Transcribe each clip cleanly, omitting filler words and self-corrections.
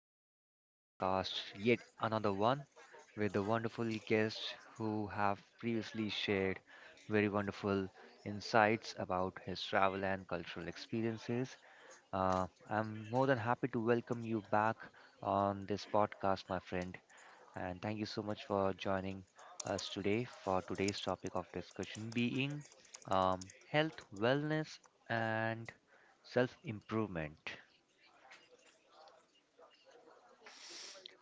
today's podcast, yet another one with the wonderful guests who have previously shared very wonderful insights about his travel and cultural experiences. I'm more than happy to welcome you back on this podcast, my friend, and thank you so much for joining us today for today's topic of discussion being health, wellness, and self improvement.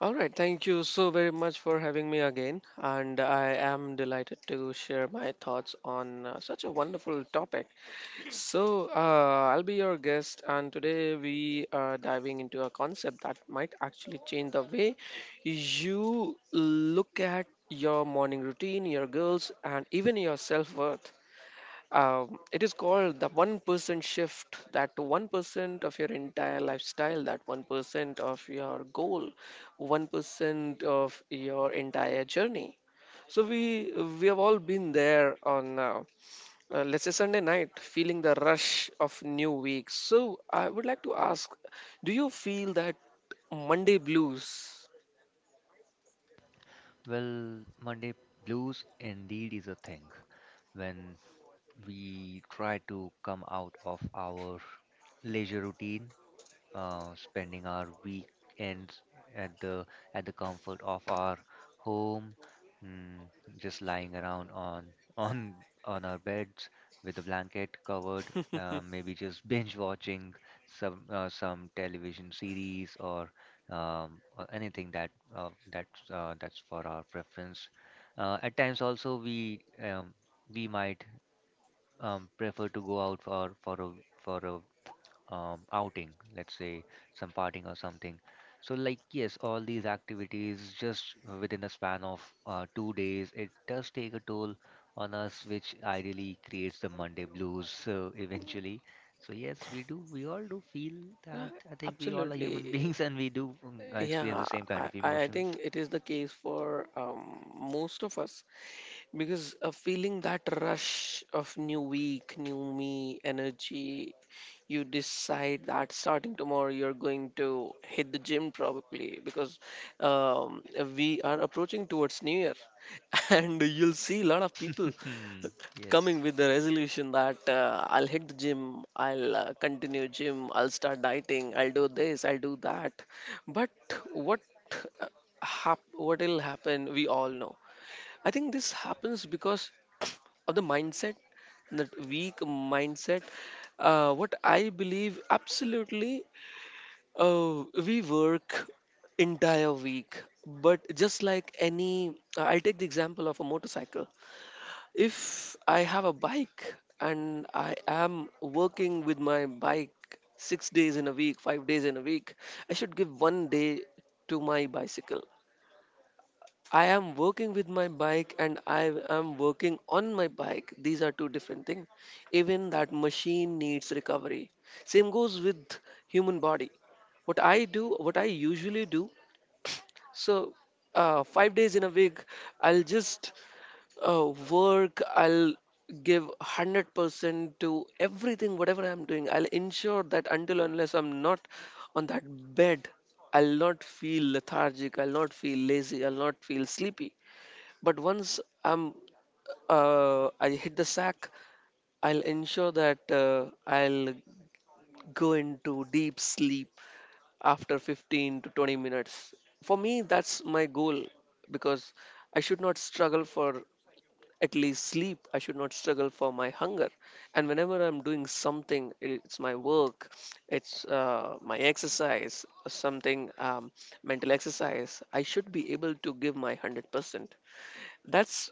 All right, thank you so very much for having me again, and I am delighted to share my thoughts on such a wonderful topic. I'll be your guest, and today we are diving into a concept that might actually change the way you look at your morning routine, your goals, and even your self worth. It is called the 1% shift, that 1% of your entire lifestyle, that 1% of your goal, 1% of your entire journey. So we have all been there on let's say Sunday night, feeling the rush of new week. So I would like to ask, do you feel that Monday blues? Well, Monday blues indeed is a thing. When we try to come out of our leisure routine, spending our weekends at the comfort of our home, mm, just lying around on on on our beds with a blanket covered, maybe just binge watching some television series, or anything that's for our preference. At times also, we might prefer to go out for a outing, let's say some partying or something. So, like, yes, all these activities, just within a span of 2 days, it does take a toll on us, which ideally creates the Monday blues, eventually. So, yes, we do, we all do feel Yeah, that. I think we all are human absolutely. beings, and we do experience Yeah, the same kind I, of I I emotions. think it is the case for most of us, because feeling that rush of new week, new me energy, you decide that starting tomorrow you're going to hit the gym, probably because um, we are approaching towards New Year, and you'll see a lot of people coming Yes. with the resolution that I'll hit the gym, I'll continue gym, I'll start dieting, I'll do this, I'll do that. But what uh, what will happen? We all know. I think this happens because of the mindset, that weak mindset. What I believe absolutely, we work entire week, but just like I'll take the example of a motorcycle. If I have a bike and I am working with my bike six days in a week, five days in a week, I should give one day to my bicycle. I am working with my bike and I am working on my bike. These are two different things. Even that machine needs recovery. Same goes with human body. What I do, what I usually do, so five days in a week, I'll just work. I'll give 100% to everything, whatever I'm doing. I'll ensure that until unless I'm not on that bed, I'll not feel lethargic. I'll not feel lazy. I'll not feel sleepy, but once I hit the sack, I'll ensure that I'll go into deep sleep after 15 to 20 minutes. For me, that's my goal, because I should not struggle for at least sleep. I should not struggle for my hunger. And whenever I'm doing something, it's my work, it's my exercise, something mental exercise, I should be able to give my 100%. That's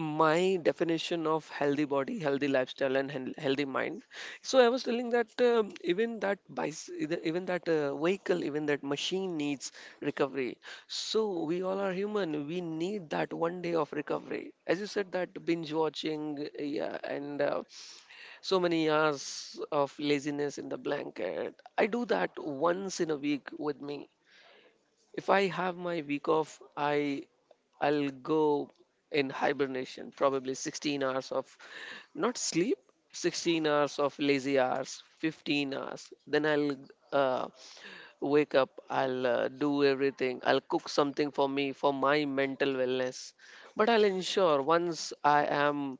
my definition of healthy body, healthy lifestyle and healthy mind. So I was telling that even that even that vehicle, even that machine needs recovery. So we all are human, we need that one day of recovery, as you said, that binge watching, yeah, and so many hours of laziness in the blanket. I do that once in a week. With me, if I have my week off, I'll go in hibernation, probably 16 hours of not sleep, 16 hours of lazy hours, 15 hours. Then I'll uh, wake up, I'll do everything, I'll cook something for me, for my mental wellness. But I'll ensure once I am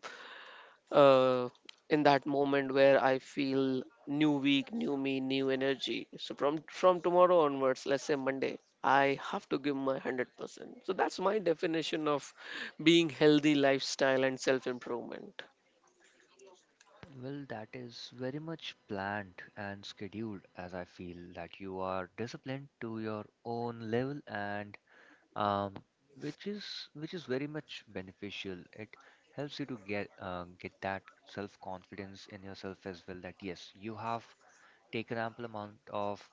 uh, in that moment where I feel new week, new me, new energy. So from tomorrow onwards, let's say Monday, I have to give my 100%. So that's my definition of being healthy lifestyle and self improvement. Well, that is very much planned and scheduled, as I feel that you are disciplined to your own level, and um, which is very much beneficial. It helps you to get that self-confidence in yourself as well. That, yes, you have taken ample amount of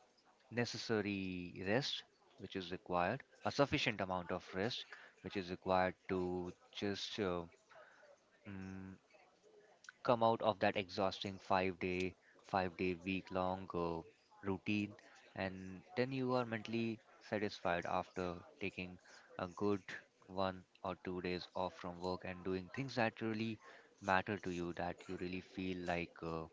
necessary rest, which is required, a sufficient amount of rest, which is required to just mm, come out of that exhausting 5 day, 5 day, week long routine, and then you are mentally satisfied after taking a good 1 or 2 days off from work and doing things that really matter to you, that you really feel like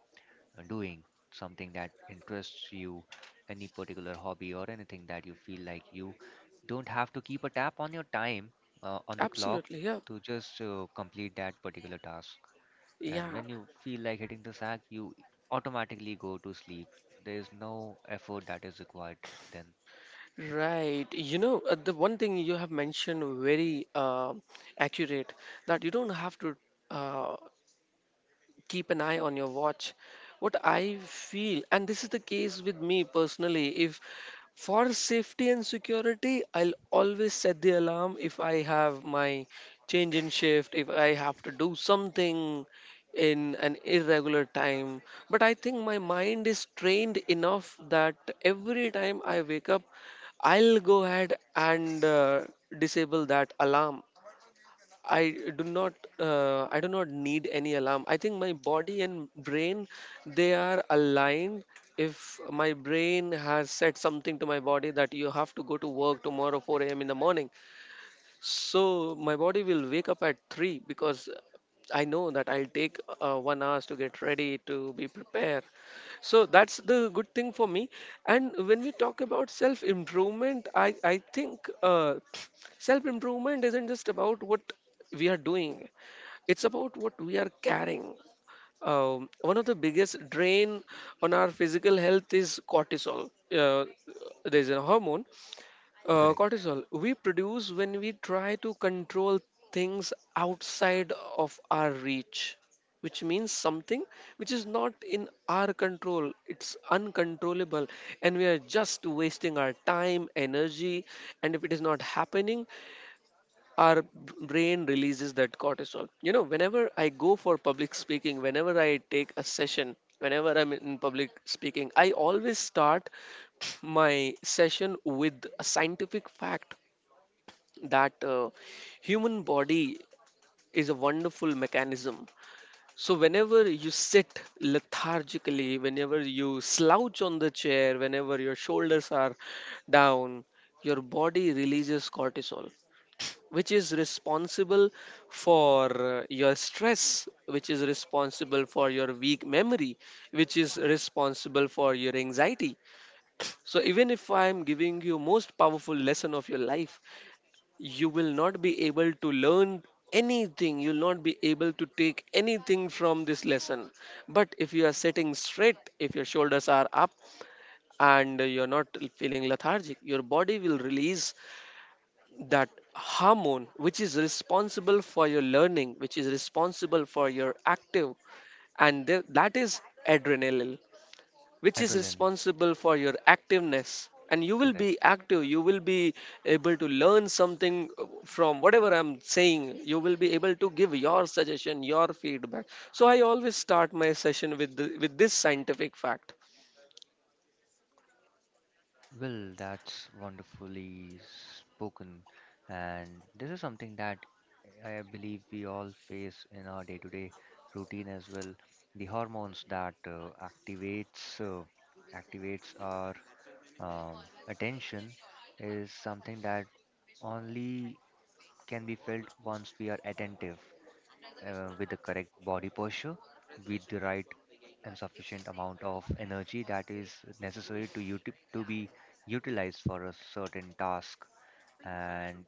doing something that interests you, any particular hobby or anything that you feel like you don't have to keep a tap on your time, on the clock, Absolutely, yeah, to just complete that particular task. And yeah, when you feel like hitting the sack, you automatically go to sleep. There is no effort that is required then. right. You know, the one thing you have mentioned very accurate, that you don't have to. Uh, Keep an eye on your watch. What I feel, and this is the case with me personally, if for safety and security I'll always set the alarm, if I have my change in shift, if I have to do something in an irregular time, but I think my mind is trained enough that every time I wake up I'll go ahead and disable that alarm. I do not I do not need any alarm. I think my body and brain, they are aligned. If my brain has said something to my body that you have to go to work tomorrow 4 a.m. in the morning, so my body will wake up at 3, because I know that I'll take 1 hours to get ready to be prepared. So that's the good thing for me. And when we talk about self improvement, I think self improvement isn't just about what we are doing, it's about what we are carrying. One of the biggest drain on our physical health is cortisol. There's a hormone, Correct. cortisol, we produce when we try to control things outside of our reach, which means something which is not in our control. It's uncontrollable, and we are just wasting our time, energy, and if it is not happening, our b- brain releases that cortisol. You know, whenever I go for public speaking, whenever I take a session, whenever I'm in public speaking, I always start my session with a scientific fact that human body is a wonderful mechanism. So whenever you sit lethargically, whenever you slouch on the chair, whenever your shoulders are down, your body releases cortisol, which is responsible for your stress, which is responsible for your weak memory, which is responsible for your anxiety. So even if I am giving you most powerful lesson of your life, you will not be able to learn anything, you'll not be able to take anything from this lesson. But if you are sitting straight, if your shoulders are up and you're not feeling lethargic, your body will release that hormone which is responsible for your learning, which is responsible for your active, and that is adrenaline, which is Adrenaline. responsible for your activeness, and you will be Correct. active, you will be able to learn something from whatever I'm saying, you will be able to give your suggestion, your feedback. So I always start my session with with this scientific fact. Well, that's wonderfully spoken. And this is something that I believe we all face in our day-to-day routine as well. The hormones that activates our attention is something that only can be felt once we are attentive, with the correct body posture, with the right and sufficient amount of energy that is necessary to be utilized for a certain task. And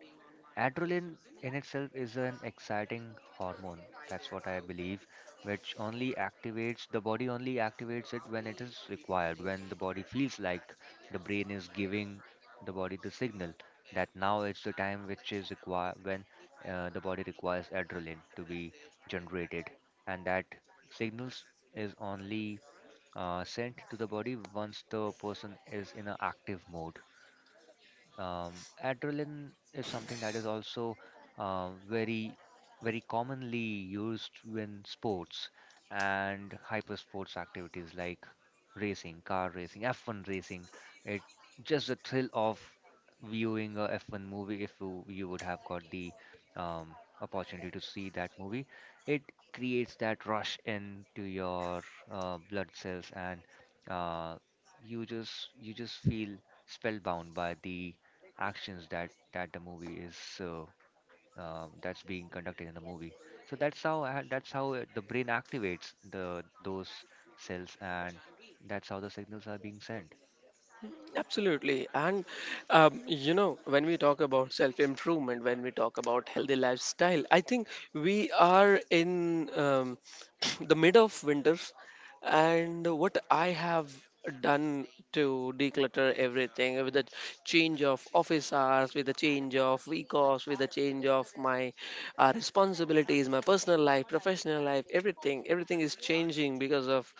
adrenaline in itself is an exciting hormone. That's what I believe, which only activates the body, only activates it when it is required, when the body feels like the brain is giving the body the signal that now it's the time which is required, when the body requires adrenaline to be generated, and that signals is only sent to the body once the person is in an active mode. Adrenaline is something that is also, very, very commonly used in sports and hyper sports activities like racing, car racing, F1 racing. It just the thrill of viewing a F1 movie, if you would have got the opportunity to see that movie. It creates that rush into your blood cells, and uh, you just feel spellbound by the actions that the movie is that's being conducted in the movie. So that's how the brain activates the those cells, and that's how the signals are being sent. Absolutely. And, you know, when we talk about self improvement, when we talk about healthy lifestyle, I think we are in the mid of winter, and what I have done to declutter everything, with the change of office hours, with the change of week offs, with the change of my responsibilities, my personal life, professional life, everything, everything is changing because of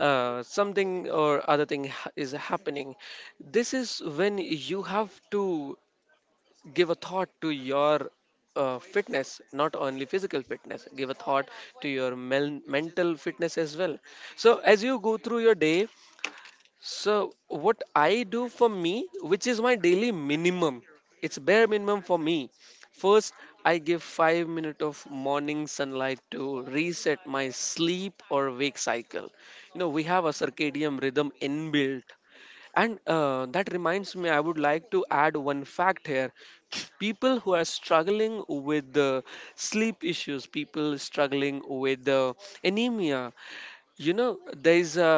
something or other thing is happening. This is when you have to give a thought to your fitness, not only physical fitness, give a thought to your mental fitness as well. So as you go through your day, so what I do for me, which is my daily minimum, it's bare minimum for me, first I give 5 minutes of morning sunlight to reset my sleep or wake cycle. You know, we have a circadian rhythm inbuilt, and that reminds me, I would like to add one fact here. People who are struggling with the sleep issues, people struggling with the anemia, you know,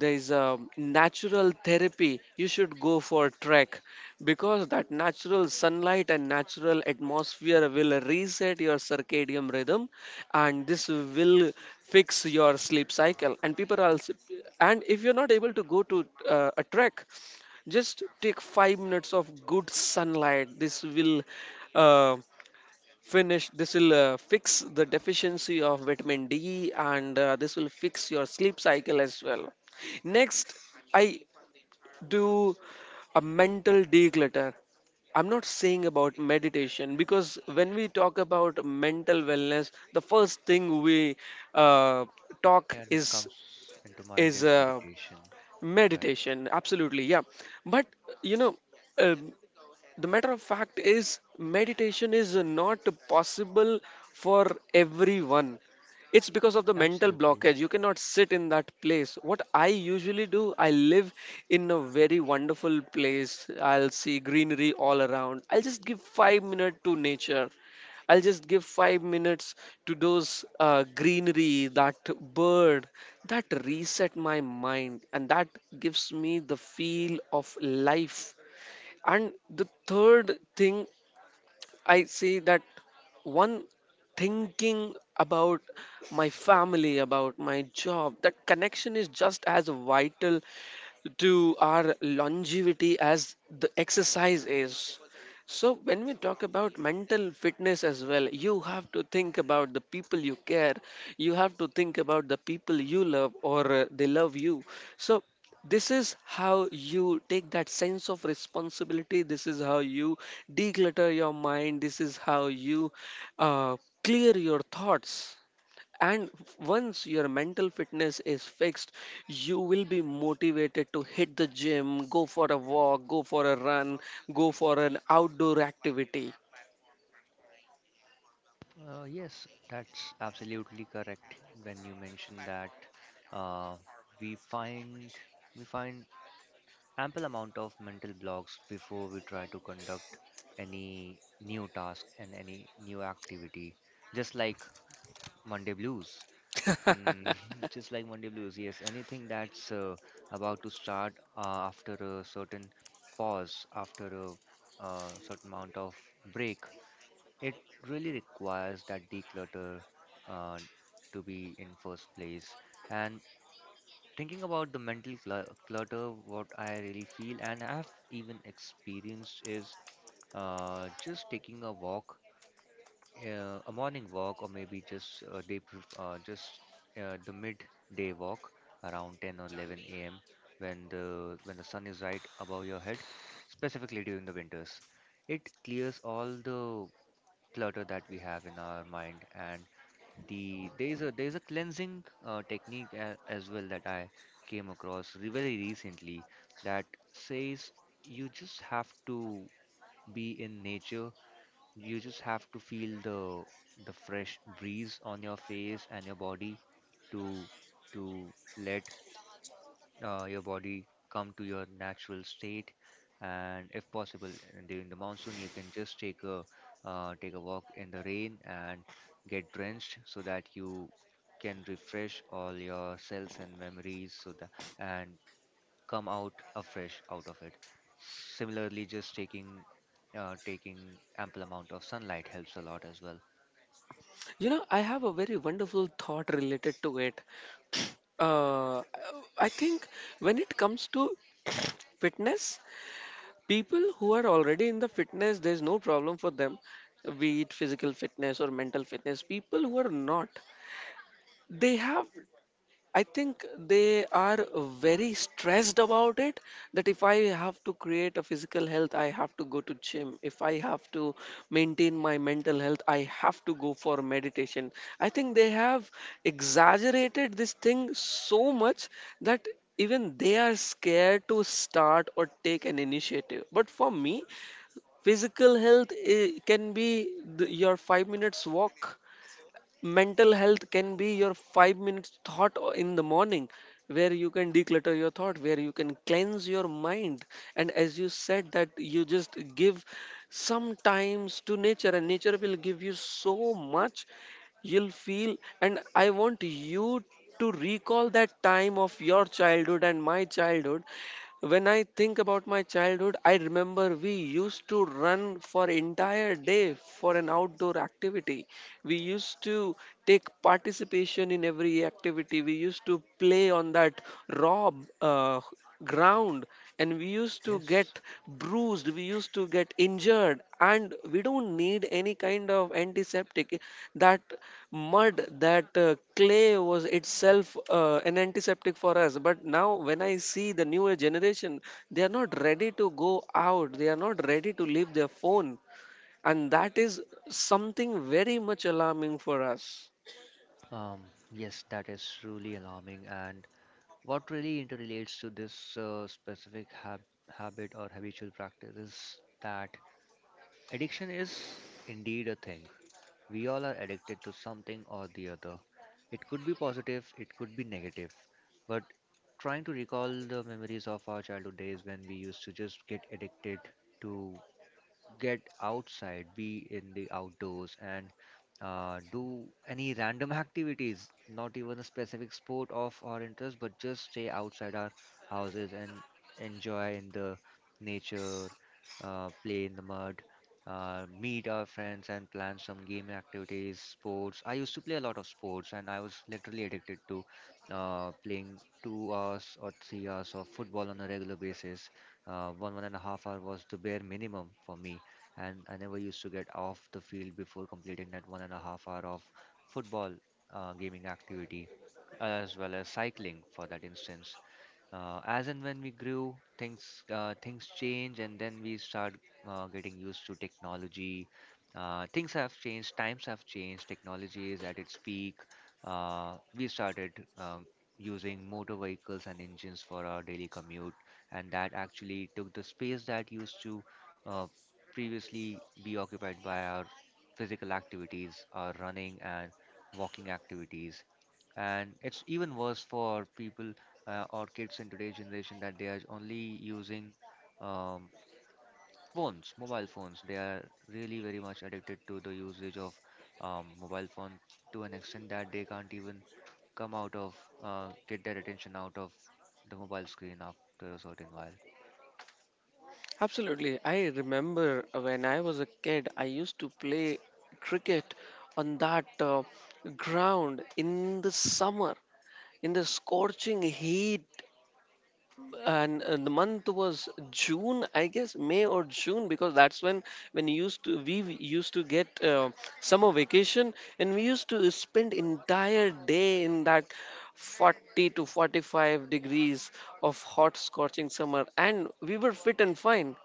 there is a natural therapy, you should go for a trek, because that natural sunlight and natural atmosphere will reset your circadian rhythm, and this will fix your sleep cycle. And people are also, and if you're not able to go to a trek, just take 5 minutes of good sunlight. This will uh, fix the deficiency of vitamin D, and this will fix your sleep cycle as well. Next, I do a mental declutter. I'm not saying about meditation, because when we talk about mental wellness, the first thing we uh, talk Yeah, that is comes into mind, is is uh, meditation, right? meditation. Absolutely, yeah. But you know, um, the matter of fact is meditation is not possible for everyone. It's because of the mental Absolutely. blockage, you cannot sit in that place. What I usually do, I live in a very wonderful place, I'll see greenery all around, I'll just give 5 minutes to nature. I'll just give 5 minutes to those greenery, that bird, that reset my mind, and that gives me the feel of life. And the third thing I see, that one, thinking about my family, about my job, that connection is just as vital to our longevity as the exercise is. So when we talk about mental fitness as well, you have to think about the people you care, you have to think about the people you love, or they love you. So, this is how you take that sense of responsibility. This is how you declutter your mind. This is how you uh, clear your thoughts, and once your mental fitness is fixed, you will be motivated to hit the gym, go for a walk, go for a run, go for an outdoor activity. Yes, that's absolutely correct when you mention that uh, we find we find ample amount of mental blocks before we try to conduct any new task and any new activity, just like Monday blues. Mm, just like Monday blues, yes, anything that's about to start after a certain pause, after a certain amount of break, it really requires that declutter, uh, to be in first place. And thinking about the mental clutter, what I really feel and have even experienced is, just taking a walk, a morning walk, or maybe just a day, just the midday walk, around 10 or 11 a.m. when the sun is right above your head, specifically during the winters. It clears all the clutter that we have in our mind, and there's a cleansing technique, as well, that I came across, very recently, that says you just have to be in nature, you just have to feel the fresh breeze on your face and your body, to to let your body come to your natural state. And if possible, during the monsoon, you can just take a walk in the rain and get drenched, so that you can refresh all your cells and memories, so that and come out afresh out of it. Similarly, just taking ample amount of sunlight helps a lot as well. You know, I have a very wonderful thought related to it. uh, I think when it comes to fitness, people who are already in the fitness, there's no problem for them, be it physical fitness or mental fitness. People who are not, they have, I think, they are very stressed about it, that if I have to create a physical health, I have to go to gym. If I have to maintain my mental health, I have to go for meditation. I think they have exaggerated this thing so much that even they are scared to start or take an initiative. But for me, physical health can be the, your 5-minute walk, mental health can be your 5 minutes thought in the morning, where you can declutter your thought, where you can cleanse your mind. And as you said, that you just give some times to nature and nature will give you so much. You'll feel, and I want you to recall that time of your childhood and my childhood. When I think about my childhood, I remember we used to run for entire day for an outdoor activity. We used to take participation in every activity. We used to play on that raw, uh, ground, and we used to Yes. get bruised, we used to get injured, and we don't need any kind of antiseptic. That mud, that clay was itself an antiseptic for us. But now when I see the newer generation, they are not ready to go out, they are not ready to leave their phone, and that is something very much alarming for us. um yes, that is truly alarming. And what really interrelates to this specific habit, or habitual practice, is that addiction is indeed a thing. We all are addicted to something or the other. It could be positive, it could be negative, but trying to recall the memories of our childhood days, when we used to just get addicted to get outside, be in the outdoors, and do any random activities, not even a specific sport of our interest, but just stay outside our houses and enjoy in the nature, play in the mud, meet our friends and plan some game activities, sports. I used to play a lot of sports, and I was literally addicted to playing 2 hours or 3 hours of football on a regular basis. 1.5 hour was the bare minimum for me, and I never used to get off the field before completing that 1.5 hour of football gaming activity, as well as cycling for that instance. As and when we grew, things change, and then we start getting used to technology. Things have changed, times have changed, technology is at its peak. We started uh, using motor vehicles and engines for our daily commute, and that actually took the space that used to uh, previously be occupied by our physical activities, our running and walking activities. And it's even worse for people, or kids, in today's generation, that they are only using, um, phones, mobile phones. They are really very much addicted to the usage of mobile phone, to an extent that they can't even come out of, get their attention out of the mobile screen after a certain while. Absolutely. I remember when I was a kid, I used to play cricket on that ground in the summer, in the scorching heat, and the month was June, I guess, May or June, because that's when you used to we w- used to get summer vacation, and we used to spend entire day in that 40 to 45 degrees of hot scorching summer, and we were fit and fine.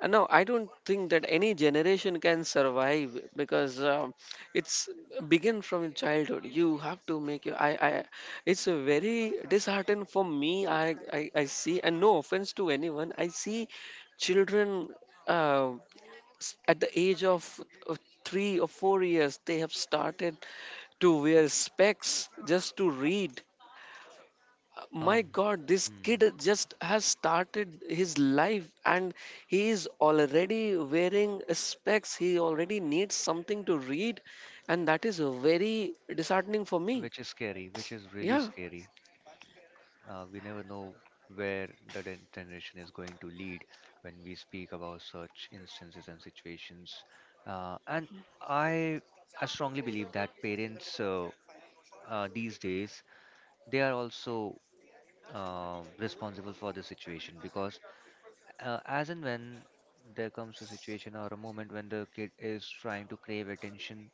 No, I don't think that any generation can survive, because it's begin from childhood. You have to make your. I. It's a very disheartened for me. I see, and no offense to anyone. I see children, uh, at the age of uh, 3 or 4 years, they have started to wear specs just to read. uh, um, my god, this kid hmm, just has started his life and he is already wearing specs, he already needs something to read, and that is very disheartening for me. which is scary, which is really Yeah, scary. We never know where the generation is going to lead when we speak about such instances and situations. And I, I strongly believe that parents, these days, they are also responsible for the situation, because as and when there comes a situation or a moment when the kid is trying to crave attention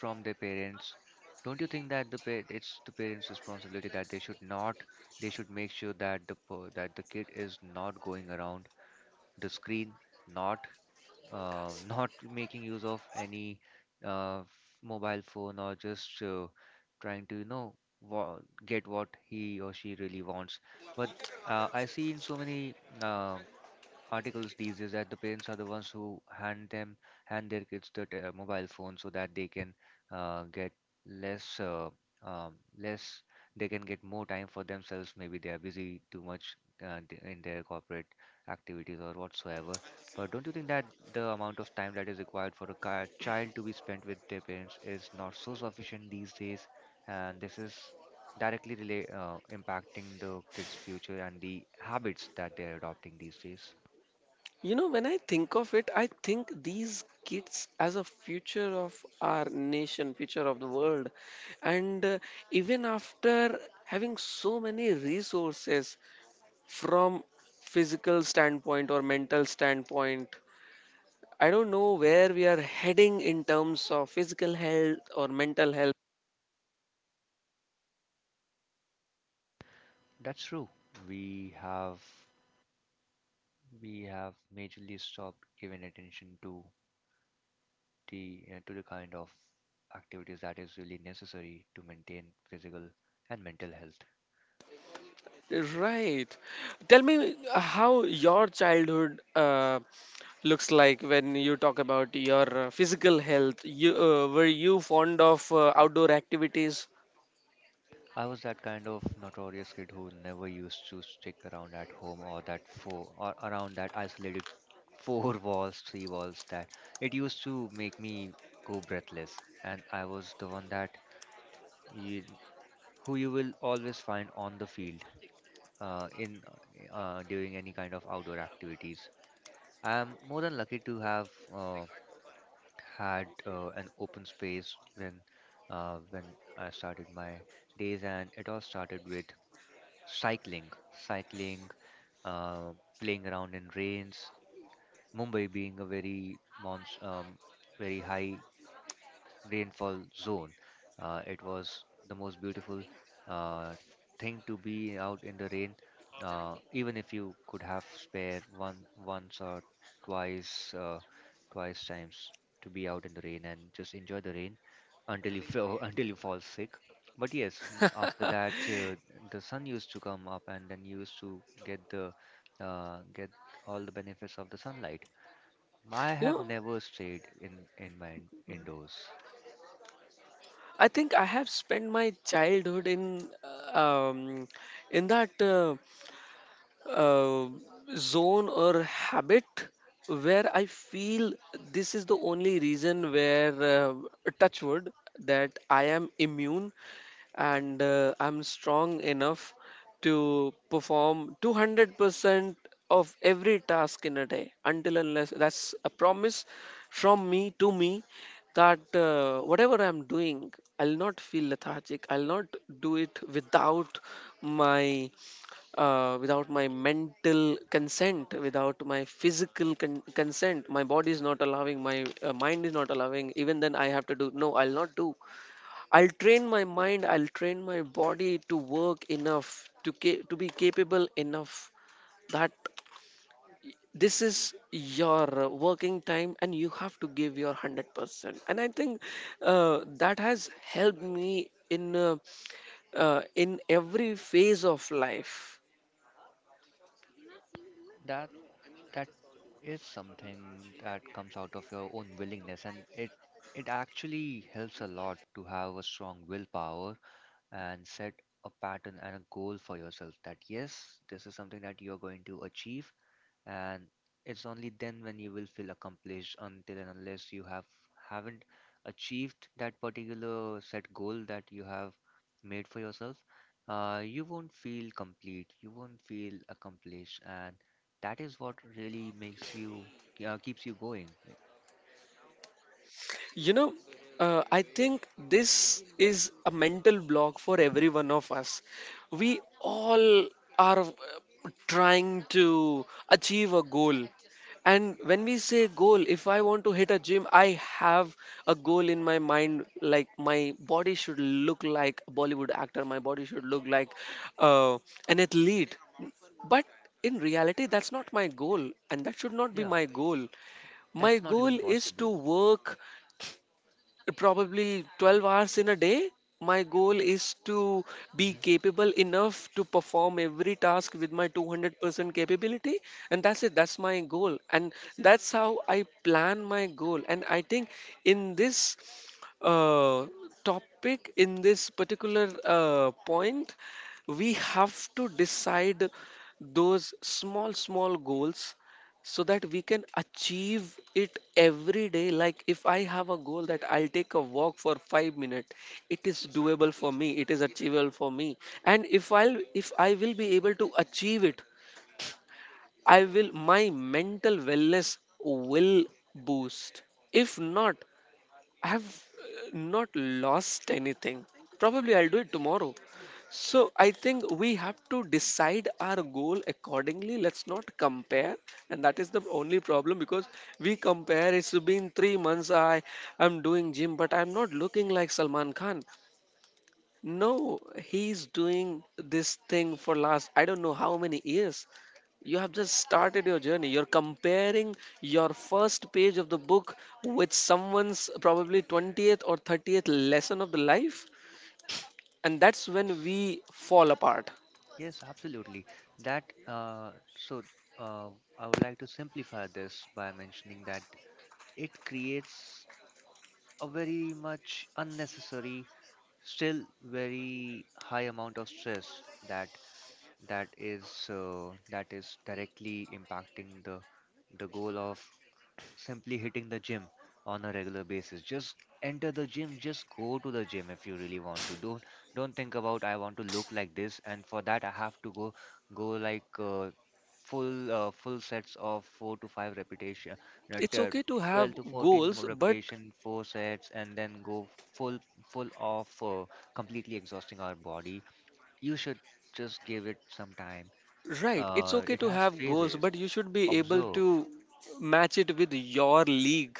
from their parents, don't you think that it's the parents responsibility that they should not, they should make sure that that the kid is not going around the screen, not not making use of any uh, f- mobile phone, or just trying to, wa- get what he or she really wants. But I see in so many uh, articles these days that the parents are the ones who hand their kids mobile phone, so that they can get less, less, they can get more time for themselves. Maybe they are busy too much, in their corporate activities or whatsoever. But don't you think that the amount of time that is required for a child to be spent with their parents is not so sufficient these days, and this is directly relate impacting the kids' future and the habits that they're adopting these days? you know, when I think of it, I think these kids as a future of our nation, future of the world, and even after having so many resources from physical standpoint or mental standpoint, I don't know where we are heading in terms of physical health or mental health. That's true. We have we have majorly stopped giving attention to the kind of activities that is really necessary to maintain physical and mental health. Right. Tell me how your childhood looks like when you talk about your physical health. You were you fond of outdoor activities? I was that kind of notorious kid who never used to stick around at home, or that four or around that isolated four walls, three walls, that it used to make me go breathless. And I was the one you, who you will always find on the field, in during any kind of outdoor activities. I'm more than lucky to have had an open space when I started my days, and it all started with cycling, uh, playing around in rains. Mumbai being a very mons very high rainfall zone. It was the most beautiful uh, thing to be out in the rain, even if you could have spare one once or twice uh, twice times to be out in the rain and just enjoy the rain until you fall, until you fall sick. But yes, after You that, the sun used to come up, and then you used to get the get all the benefits of the sunlight. I have know, never stayed indoors. I think I have spent my childhood um, in that. Uh, Zone or habit where I feel this is the only reason where, touch wood, that I am immune and I'm strong enough to perform 200% of every task in a day, until unless that's a promise from me to me, that whatever I'm doing, I'll not feel lethargic. I'll not do it without my without my mental consent, without my physical consent. My body is not allowing. My mind is not allowing. Even then, I have to do. No, I'll not do. I'll train my mind, I'll train my body to work enough to to be capable enough that this is your working time and you have to give your 100%. And I think that has helped me in uh, uh, in every phase of life. That is something that comes out of your own willingness, and it actually helps a lot to have a strong willpower and set a pattern and a goal for yourself that yes, this is something that you're going to achieve, and it's only then when you will feel accomplished. Until and unless you haven't achieved that particular set goal that you have made for yourself, you won't feel complete, you won't feel accomplished, and that is what really makes you keeps you going. You know, I think this is a mental block for every one of us. We all are trying to achieve a goal. And when we say goal, if I want to hit a gym, I have a goal in my mind, like my body should look like a Bollywood actor, my body should look like uh, an athlete. But in reality, that's not my goal, and that should not be Yeah, my goal. My that's not even goal is possible. to work probably 12 hours in a day. My goal is to be Hmm. capable enough to perform every task with my 200% capability, and that's it. That's my goal, and that's how I plan my goal. And I think in this uh, topic, in this particular point, we have to decide those small small goals so that we can achieve it every day. Like, if I have a goal that I'll take a walk for 5 minutes, it is doable for me, it is achievable for me. And if I will be able to achieve it, I will my mental wellness will boost. If not, I've not lost anything. Probably I'll do it tomorrow. So I think we have to decide our goal accordingly. Let's not compare, and that is the only problem, because we compare. It's been 3 months. I'm doing gym, but I'm not looking like Salman Khan. No, he's doing this thing for last I don't know how many years. You have just started your journey. You're comparing your first page of the book with someone's probably 20th or 30th lesson of the life, and that's when we fall apart. Yes, absolutely. That so uh, I would like to simplify this by mentioning that it creates a very much unnecessary, still very high amount of stress that that is directly impacting the goal of simply hitting the gym on a regular basis. Just enter the gym, just go to the gym if you really want to. Don't think about I want to look like this, and for that I have to go like full sets of 4 to 5 repetition, no, It's t- okay to 12 have to 14 goals, more but repetition, 4 sets and then go full full off completely exhausting our body. You should just give it some time. right, it's okay It to has have goals, phases. but you should be able Observe to match it with your league.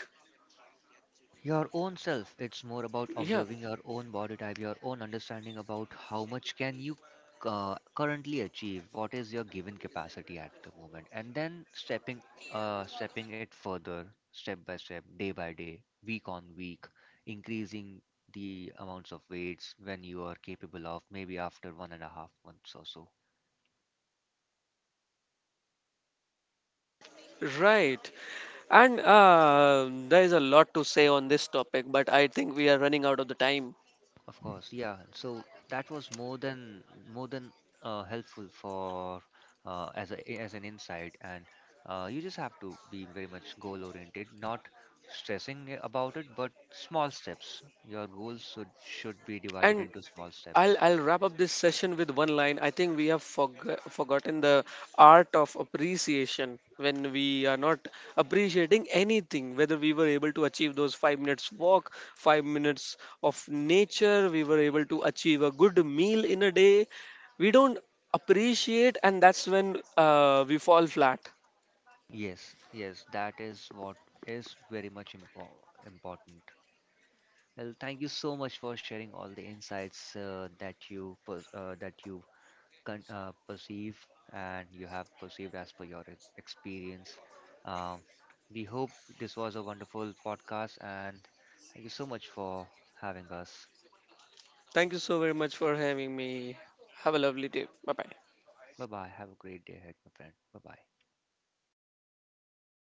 your own self. It's more about Yeah, observing your own body type, your own understanding about how much can you currently achieve, what is your given capacity at the moment, and then stepping it further, step by step, day by day, week on week, increasing the amounts of weights when you are capable of, maybe after 1.5 months or so. right. And there is a lot to say on this topic, but I think we are running out of the time. Of course, yeah. So that was more than helpful for as a as an insight, and you just have to be very much goal oriented, not about it, but small steps. Your goals should be divided And into small steps. I'll wrap up this session with one line. I think we have forgotten the art of appreciation when we are not appreciating anything, whether we were able to achieve those 5-minute walk, 5 minutes of nature, we were able to achieve a good meal in a day. We don't appreciate, and that's when we fall flat. Yes, yes, that is what is very much important. Well, thank you so much for sharing all the insights that you that you perceive and you have perceived as per your experience. Um, we hope this was a wonderful podcast, and thank you so much for having us. Thank you so very much for having me. Have a lovely day. Bye bye. Bye bye. Have a great day ahead, my friend. Bye bye.